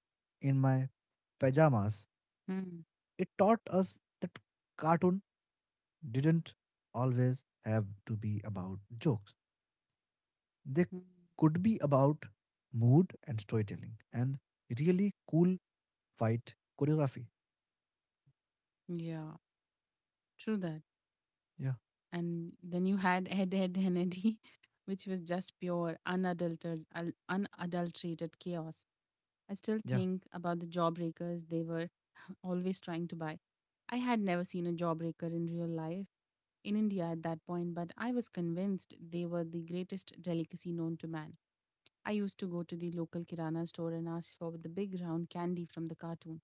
Speaker 2: in my pajamas.
Speaker 1: Hmm.
Speaker 2: It taught us that cartoon didn't always have to be about jokes. They
Speaker 1: Hmm.
Speaker 2: could be about mood and storytelling and really cool fight choreography.
Speaker 1: Yeah, true that.
Speaker 2: Yeah,
Speaker 1: And then you had Ed, Ed, and Eddie, which was just pure, unadulterated chaos. I still
Speaker 2: yeah,
Speaker 1: think about the jawbreakers. They were always trying to buy. I had never seen a jawbreaker in real life in India at that point, but I was convinced they were the greatest delicacy known to man. I used to go to the local Kirana store and ask for the big round candy from the cartoon.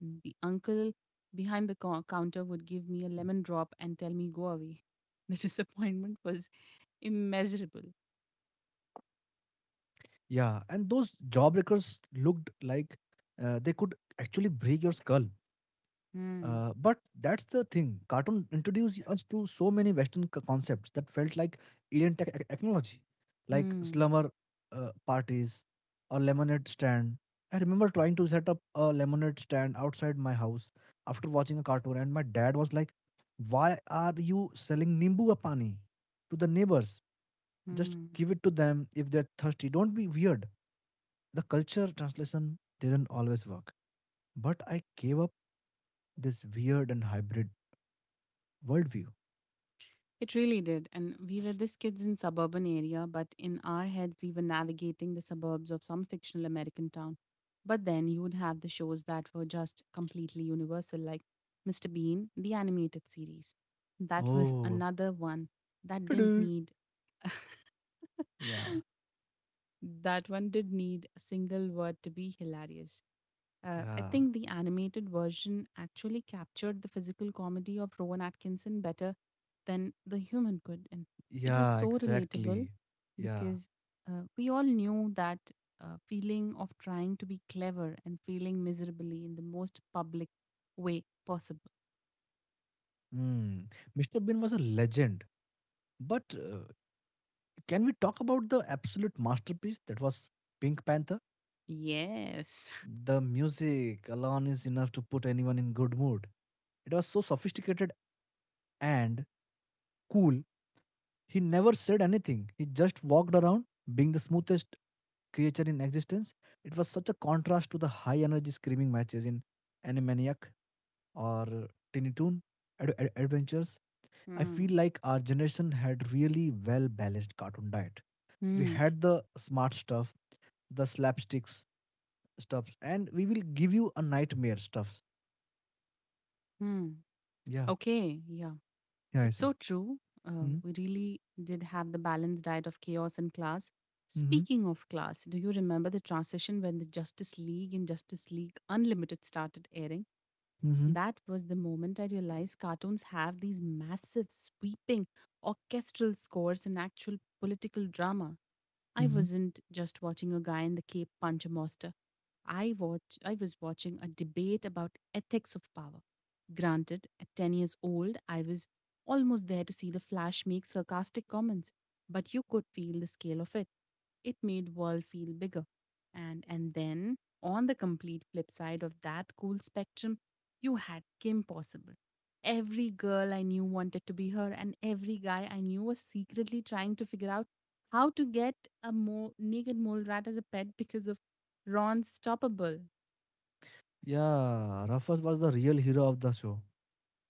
Speaker 1: The uncle behind the counter would give me a lemon drop and tell me, go away. The disappointment was immeasurable.
Speaker 2: yeah. And those jawbreakers looked like they could actually break your skull.
Speaker 1: Hmm.
Speaker 2: But that's the thing. Cartoon introduced us to so many Western concepts that felt like alien technology, like
Speaker 1: Hmm.
Speaker 2: slumber parties or lemonade stand. I remember trying to set up a lemonade stand outside my house after watching a cartoon, and my dad was like, "Why are you selling nimbu pani to the neighbors? Just
Speaker 1: Hmm.
Speaker 2: give it to them if they're thirsty. Don't be weird." The culture translation didn't always work, but I gave up this weird and hybrid worldview.
Speaker 1: It really did. And we were this kids in suburban area, but in our heads we were navigating the suburbs of some fictional American town. But then you would have the shows that were just completely universal, like Mr. Bean, the animated series. That was
Speaker 2: Oh,
Speaker 1: another one that didn't
Speaker 2: "Toodoo."
Speaker 1: need,
Speaker 2: Yeah,
Speaker 1: that one did need a single word to be hilarious. I
Speaker 2: yeah,
Speaker 1: think the animated version actually captured the physical comedy of Rowan Atkinson better than the human could. And it was
Speaker 2: yeah,
Speaker 1: so relatable
Speaker 2: exactly. Yeah.
Speaker 1: because we all knew that feeling of trying to be clever and failing miserably in the most public way possible.
Speaker 2: Hmm. Mr. Bean was a legend. But can we talk about the absolute masterpiece that was Pink Panther?
Speaker 1: Yes.
Speaker 2: The music alone is enough to put anyone in good mood. It was so sophisticated and cool. He never said anything. He just walked around being the smoothest creature in existence. It was such a contrast to the high energy screaming matches in Animaniacs or Tiny Toon Adventures. I
Speaker 1: Hmm.
Speaker 2: feel like our generation had really well balanced cartoon diet. We
Speaker 1: Hmm.
Speaker 2: had the smart stuff, the slapsticks stuffs, and we will give you a nightmare stuffs.
Speaker 1: Hmm.
Speaker 2: Yeah,
Speaker 1: Okay. Yeah.
Speaker 2: yeah, yes,
Speaker 1: It's
Speaker 2: sir.
Speaker 1: so true.
Speaker 2: Mm-hmm.
Speaker 1: We really did have the balanced diet of chaos and class. Speaking of class, do you remember the transition when the Justice League and Justice League Unlimited started airing?
Speaker 2: Mm-hmm.
Speaker 1: That was the moment I realized cartoons have these massive, sweeping orchestral scores and actual political drama. I
Speaker 2: Mm-hmm.
Speaker 1: wasn't just watching a guy in the cape punch a monster. I was watching a debate about ethics of power. Granted, at 10 years old, I was almost there to see the Flash make sarcastic comments, but you could feel the scale of it. It made world feel bigger. And then on the complete flip side of that cool spectrum, you had Kim Possible. Every girl I knew wanted to be her, and every guy I knew was secretly trying to figure out how to get naked mole rat as a pet because of Ron Stoppable.
Speaker 2: Yeah, Rufus was the real hero of the show.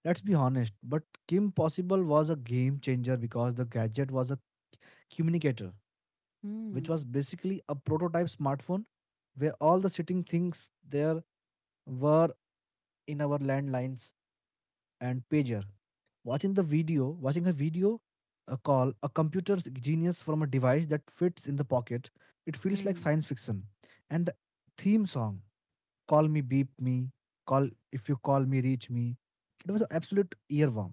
Speaker 2: Let's be honest, but Kim Possible was a game changer because the gadget was a communicator, which was
Speaker 1: Hmm.
Speaker 2: basically a prototype smartphone where all the sitting things there were in our landlines and pager. Watching the video, watching a video, a call, a computer's genius from a device that fits in the pocket, it feels like
Speaker 1: Hmm.
Speaker 2: science fiction. And the theme song, Call Me, Beep Me, Call If You Call Me, Reach Me, it was an absolute earworm.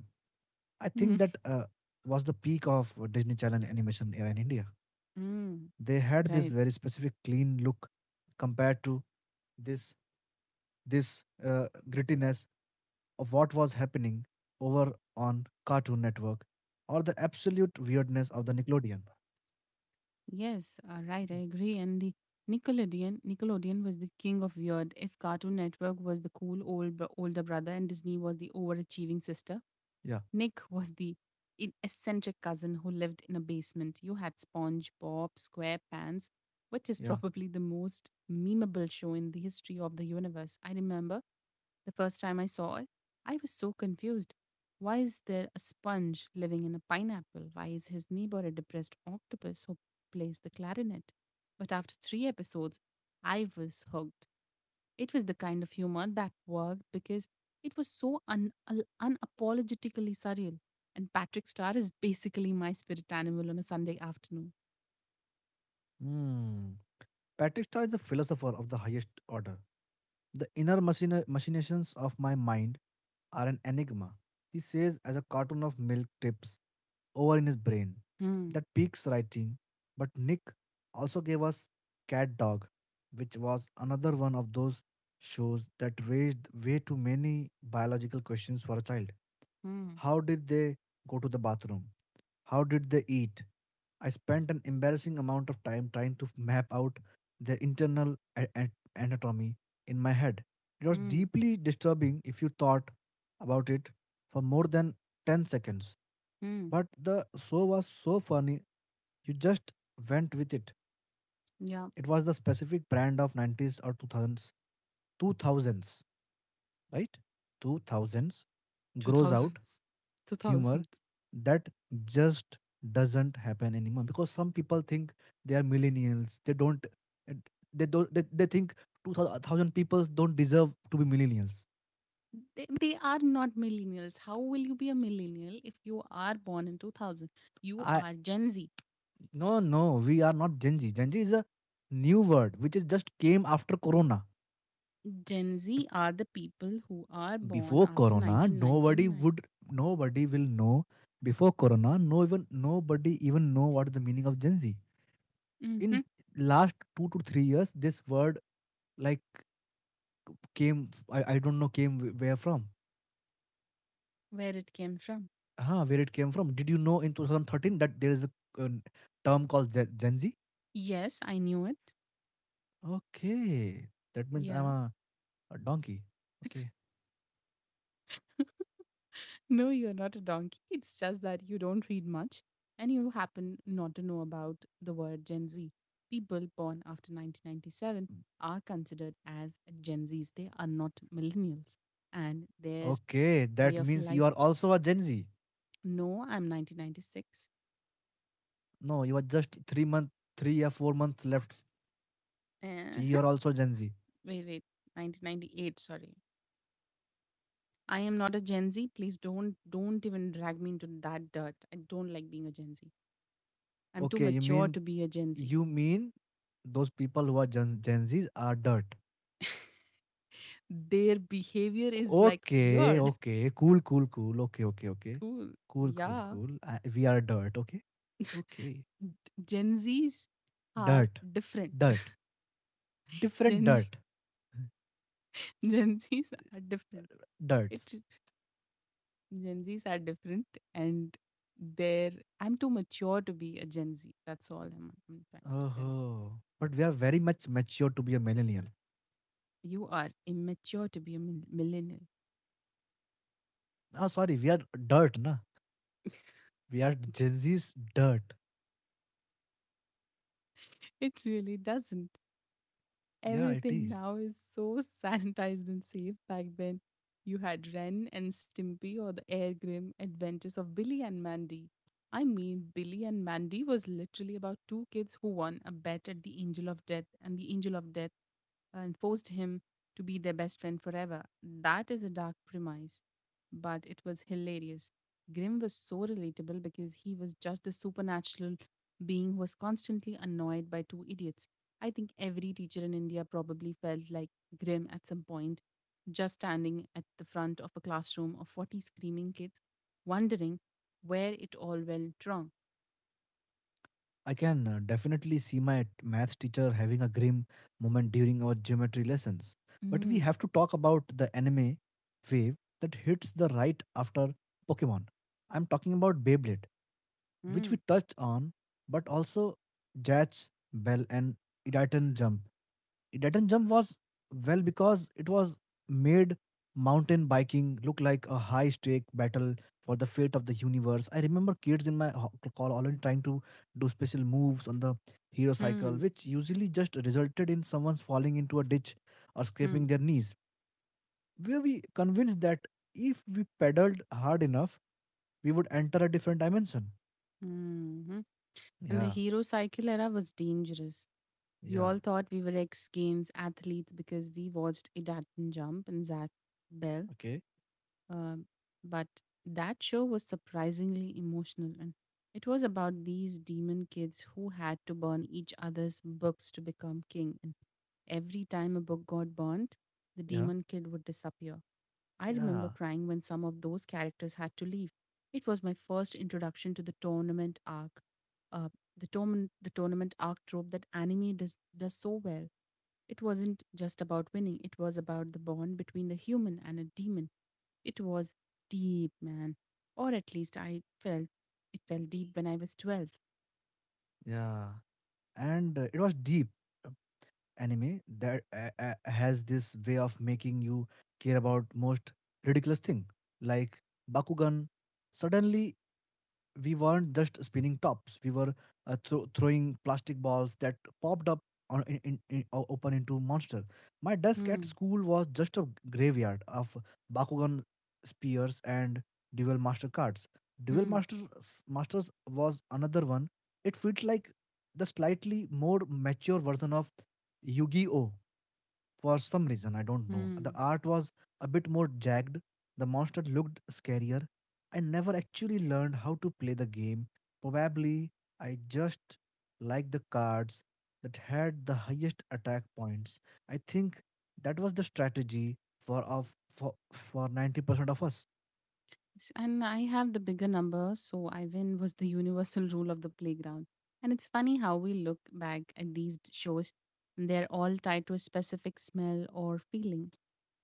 Speaker 2: I
Speaker 1: Hmm.
Speaker 2: think that was the peak of Disney Channel animation era in India.
Speaker 1: Mm,
Speaker 2: They had this
Speaker 1: right.
Speaker 2: very specific clean look compared to this this grittiness of what was happening over on Cartoon Network or the absolute weirdness of the Nickelodeon.
Speaker 1: Yes, right. I agree. And the Nickelodeon was the king of weird. If Cartoon Network was the cool older brother and Disney was the overachieving sister,
Speaker 2: Yeah,
Speaker 1: Nick was the eccentric cousin who lived in a basement. You had SpongeBob SquarePants, which is
Speaker 2: yeah.
Speaker 1: probably the most memeable show in the history of the universe. I remember the first time I saw it, I was so confused. Why is there a sponge living in a pineapple? Why is his neighbor a depressed octopus who plays the clarinet? But after three episodes, I was hooked. It was the kind of humor that worked because it was so unapologetically surreal. And Patrick Starr is basically my spirit animal on a Sunday afternoon.
Speaker 2: Hmm. Patrick Star is a philosopher of the highest order. The inner machinations of my mind are an enigma, he says as a cartoon of milk tips over in his brain.
Speaker 1: Hmm,
Speaker 2: That peaks writing. But Nick also gave us Cat Dog, which was another one of those shows that raised way too many biological questions for a child.
Speaker 1: hmm,
Speaker 2: How did they go to the bathroom? How did they eat? I spent an embarrassing amount of time trying to map out their internal anatomy in my head. It was
Speaker 1: hmm,
Speaker 2: deeply disturbing if you thought about it for more than 10 seconds.
Speaker 1: hmm.
Speaker 2: But the show was so funny, you just went with it.
Speaker 1: Yeah,
Speaker 2: It was the specific brand of 90s or 2000s, right? 2000s grows out
Speaker 1: 2000s.
Speaker 2: humor
Speaker 1: 2000s.
Speaker 2: that just doesn't happen anymore because some people think they are millennials. They don't, and they don't, they think 2000 people don't deserve to be millennials.
Speaker 1: They are not millennials. How will you be a millennial if you are born in 2000? You
Speaker 2: I,
Speaker 1: are Gen Z.
Speaker 2: no, no, we are not Gen Z. Gen Z is a new word which is just came after Corona.
Speaker 1: Gen Z are the people who are born
Speaker 2: Before
Speaker 1: after
Speaker 2: Corona, nobody
Speaker 1: 1999.
Speaker 2: would, nobody will know. Before Corona, no even nobody even know what the meaning of Gen Z.
Speaker 1: Mm-hmm.
Speaker 2: In last 2 to 3 years, this word like came. I don't know came where from.
Speaker 1: Where it came from.
Speaker 2: Huh, where it came from? Did you know in 2013 that there is a term called Gen Z?
Speaker 1: Yes, I knew it.
Speaker 2: Okay, that means
Speaker 1: Yeah.
Speaker 2: a donkey. Okay,
Speaker 1: No, you're not a donkey. It's just that you don't read much and you happen not to know about the word Gen Z. People born after 1997 are considered as Gen Zs. They are not millennials. And their
Speaker 2: okay,
Speaker 1: way
Speaker 2: that
Speaker 1: of
Speaker 2: means
Speaker 1: life.
Speaker 2: you are also a Gen Z.
Speaker 1: No, I'm 1996.
Speaker 2: No, you are just 3 or 4 months left. So you
Speaker 1: Uh-huh.
Speaker 2: are also Gen Z.
Speaker 1: Wait, wait. 1998, sorry. I am not a Gen Z. Please don't even drag me into that dirt. I don't like being a Gen Z. I'm too
Speaker 2: Okay, you
Speaker 1: mature
Speaker 2: mean
Speaker 1: to be a Gen Z.
Speaker 2: you mean those people who are Gen Zs are dirt.
Speaker 1: Their behavior is like
Speaker 2: Okay,
Speaker 1: weird.
Speaker 2: okay, cool, cool, cool. Okay, okay, okay,
Speaker 1: Cool.
Speaker 2: cool, cool,
Speaker 1: Yeah.
Speaker 2: cool. We are dirt. Okay, okay,
Speaker 1: Gen Zs are
Speaker 2: dirt,
Speaker 1: different.
Speaker 2: dirt, different
Speaker 1: Gen Z
Speaker 2: dirt,
Speaker 1: Gen Zs are different.
Speaker 2: dirts.
Speaker 1: It Gen Zs are different and they're I'm too mature to be a Gen Z. That's all I'm trying to tell.
Speaker 2: Oh, but we are very much mature to be a millennial.
Speaker 1: You are immature to be a millennial.
Speaker 2: Ah, sorry, we are dirt, na. We are Gen Zs dirt.
Speaker 1: It really doesn't.
Speaker 2: Yeah, it
Speaker 1: Everything
Speaker 2: is.
Speaker 1: now is so sanitized and safe. Back then, you had Ren and Stimpy or the Air Grim Adventures of Billy and Mandy. I mean, Billy and Mandy was literally about two kids who won a bet at the Angel of Death, and the Angel of Death and forced him to be their best friend forever. That is a dark premise, but it was hilarious. Grimm was so relatable because he was just the supernatural being who was constantly annoyed by two idiots. I think every teacher in India probably felt like grim at some point, just standing at the front of a classroom of 40 screaming kids, wondering where it all went wrong.
Speaker 2: I can definitely see my maths teacher having a grim moment during our geometry lessons. But we
Speaker 1: Mm,
Speaker 2: have to talk about the anime wave that hits the right after Pokemon. I'm talking about Beyblade, which
Speaker 1: mm,
Speaker 2: we touched on, but also Jazz, Bell, and Idaten Jump. Titan Jump was well because it was made mountain biking look like a high stake battle for the fate of the universe. I remember kids in my call already trying to do special moves on the hero cycle,
Speaker 1: mm,
Speaker 2: which usually just resulted in someone falling into a ditch or
Speaker 1: mm,
Speaker 2: scraping their knees. Were we convinced that if we pedaled hard enough, we would enter a different dimension?
Speaker 1: mhm. And the
Speaker 2: Yeah,
Speaker 1: hero cycle era was dangerous. We
Speaker 2: yeah,
Speaker 1: all thought we were ex Games athletes because we watched Edaton jump and Zach Bell.
Speaker 2: okay,
Speaker 1: Um, but that show was surprisingly emotional, and it was about these demon kids who had to burn each other's books to become king. And every time a book got burnt, the
Speaker 2: yeah,
Speaker 1: demon kid would disappear. I remember
Speaker 2: yeah,
Speaker 1: crying when some of those characters had to leave. It was my first introduction to the tournament arc. Uh, the tournament arc trope that anime does so well. It wasn't just about winning; it was about the bond between the human and a demon. It was deep, man. Or at least I felt it felt deep when I was 12.
Speaker 2: yeah. And it was deep anime that has this way of making you care about most ridiculous thing like bakugan. Suddenly we weren't just spinning tops, we were throwing plastic balls that popped up on, in, o- open into monster. My desk at
Speaker 1: Hmm,
Speaker 2: school was just a graveyard of bakugan spears and dual master cards. Dual
Speaker 1: hmm,
Speaker 2: masters was another one. It felt like the slightly more mature version of yu-gi-oh for some reason. I don't know, the
Speaker 1: hmm.
Speaker 2: art was a bit more jagged, the monster looked scarier. I never actually learned how to play the game. Probably I just liked the cards that had the highest attack points. I think that was the strategy for 90% of us.
Speaker 1: And I have the bigger number, so I win was the universal rule of the playground. And it's funny how we look back at these shows, and they're all tied to a specific smell or feeling.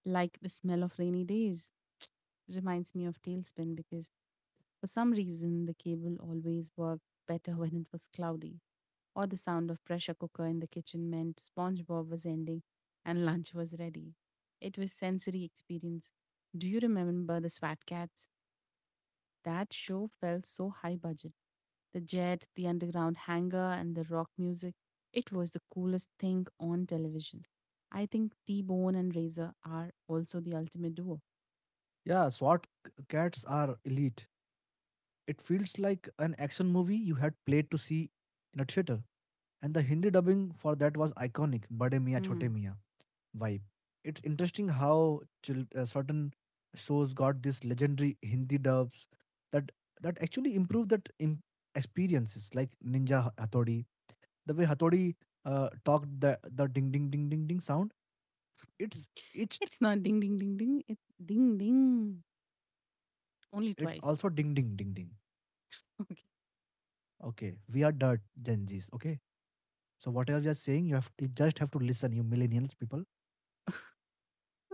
Speaker 1: Like the smell of rainy days reminds me of Tailspin because for some reason, the cable always worked better when it was cloudy, or the sound of pressure cooker in the kitchen meant SpongeBob was ending and lunch was ready. It was sensory experience. Do you remember the SWAT cats? That show felt so high budget. The jet, the underground hangar, and the rock music. It was the coolest thing on television. I think T Bone and Razor are also the ultimate duo.
Speaker 2: Yeah, SWAT cats are elite. It feels like an action movie you had played to see in a theater. And the Hindi dubbing for that was iconic, Bade Miya Chote
Speaker 1: Hmm.
Speaker 2: Miya vibe. It's interesting how certain shows got this legendary Hindi dubs that actually improve that experiences, like Ninja Hathodi. The way Hathodi talked, the ding ding ding ding ding sound, it's itched.
Speaker 1: It's not ding ding ding ding, it's ding ding. Only
Speaker 2: It's
Speaker 1: twice.
Speaker 2: also ding ding ding ding.
Speaker 1: Okay.
Speaker 2: Okay, we are dirt Gen Zs. Okay, so whatever you are saying, you have you just have to listen, you millennials people.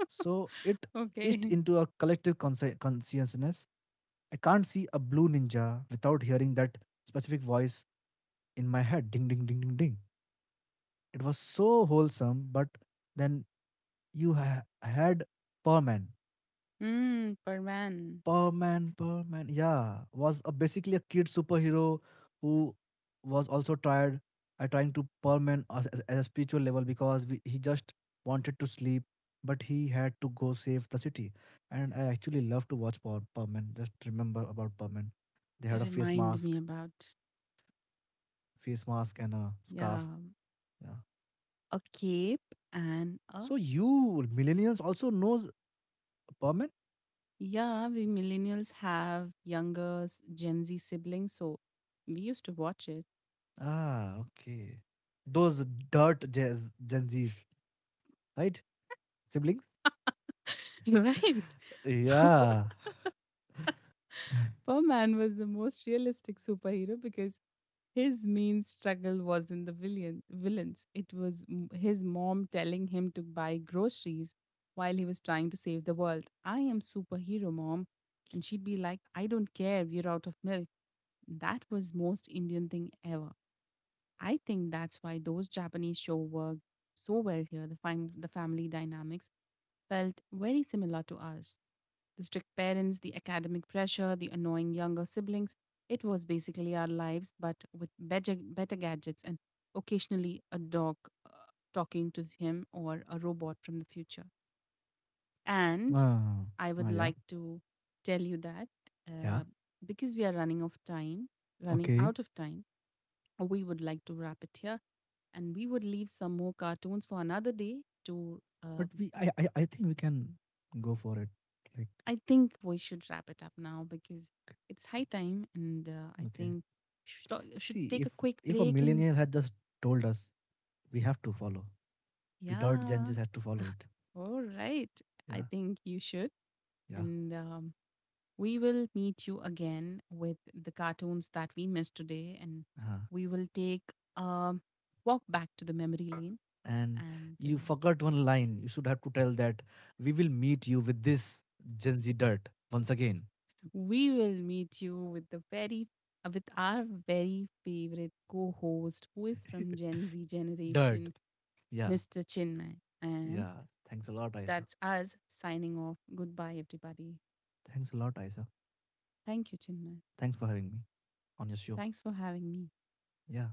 Speaker 2: So it itched
Speaker 1: Okay.
Speaker 2: into a collective consciousness. I can't see a blue ninja without hearing that specific voice in my head, ding, ding, ding, ding, ding. It was so wholesome, but then you had Perman.
Speaker 1: Mm, per man.
Speaker 2: Perman, Perman, yeah, was a basically a kid superhero who was also tried I trying to Perman as a spiritual level because we, he just wanted to sleep, but he had to go save the city. And I actually love to watch Perman. Just remember about Perman. They had a face
Speaker 1: Remind
Speaker 2: mask.
Speaker 1: me about
Speaker 2: Face mask and a
Speaker 1: yeah,
Speaker 2: scarf. Yeah.
Speaker 1: a cape and a
Speaker 2: So you millennials also knows permit?
Speaker 1: yeah. We millennials have younger Gen Z siblings, so we used to watch it.
Speaker 2: Ah, okay. Those dirt jazz, Gen Zs, right? Siblings?
Speaker 1: Right.
Speaker 2: Yeah.
Speaker 1: Perman was the most realistic superhero because his main struggle wasn't villains. It was his mom telling him to buy groceries while he was trying to save the world. I am superhero, mom. And she'd be like, I don't care, we're out of milk. That was most Indian thing ever. I think that's why those Japanese show worked so well here. The family dynamics felt very similar to ours. The strict parents, the academic pressure, the annoying younger siblings. It was basically our lives, but with better gadgets and occasionally a dog uh, talking to him or a robot from the future. And
Speaker 2: Ah,
Speaker 1: I would
Speaker 2: yeah.
Speaker 1: like to tell you that
Speaker 2: Yeah.
Speaker 1: uh, because we are running
Speaker 2: Okay.
Speaker 1: out of time, we would like to wrap it here and we would leave some more cartoons for another day to
Speaker 2: But we, I think we can go for it. Like,
Speaker 1: I think we should wrap it up now because it's high time, and I
Speaker 2: okay.
Speaker 1: think should should
Speaker 2: See,
Speaker 1: take a quick
Speaker 2: if a
Speaker 1: break. And
Speaker 2: millennial had just told us we have to follow, we dirt Gen
Speaker 1: yeah,
Speaker 2: Zs had to follow it.
Speaker 1: all right.
Speaker 2: Yeah.
Speaker 1: I think you should,
Speaker 2: Yeah.
Speaker 1: and we will meet you again with the cartoons that we missed today, and
Speaker 2: uh
Speaker 1: we will take a walk back to the memory lane,
Speaker 2: and
Speaker 1: and
Speaker 2: you forgot one line, you should have to tell that we will meet you with this gen z dirt once again.
Speaker 1: we will meet you with the very with our very favorite co-host who is from Gen Z
Speaker 2: Dirt.
Speaker 1: generation
Speaker 2: Yeah.
Speaker 1: Mr. Chinmay. And
Speaker 2: Yeah, thanks a lot isa.
Speaker 1: that's us signing off. Goodbye, everybody.
Speaker 2: Thanks a lot isa.
Speaker 1: Thank you, Chinmay.
Speaker 2: Thanks for having me on your show.
Speaker 1: Thanks for having me.
Speaker 2: Yeah.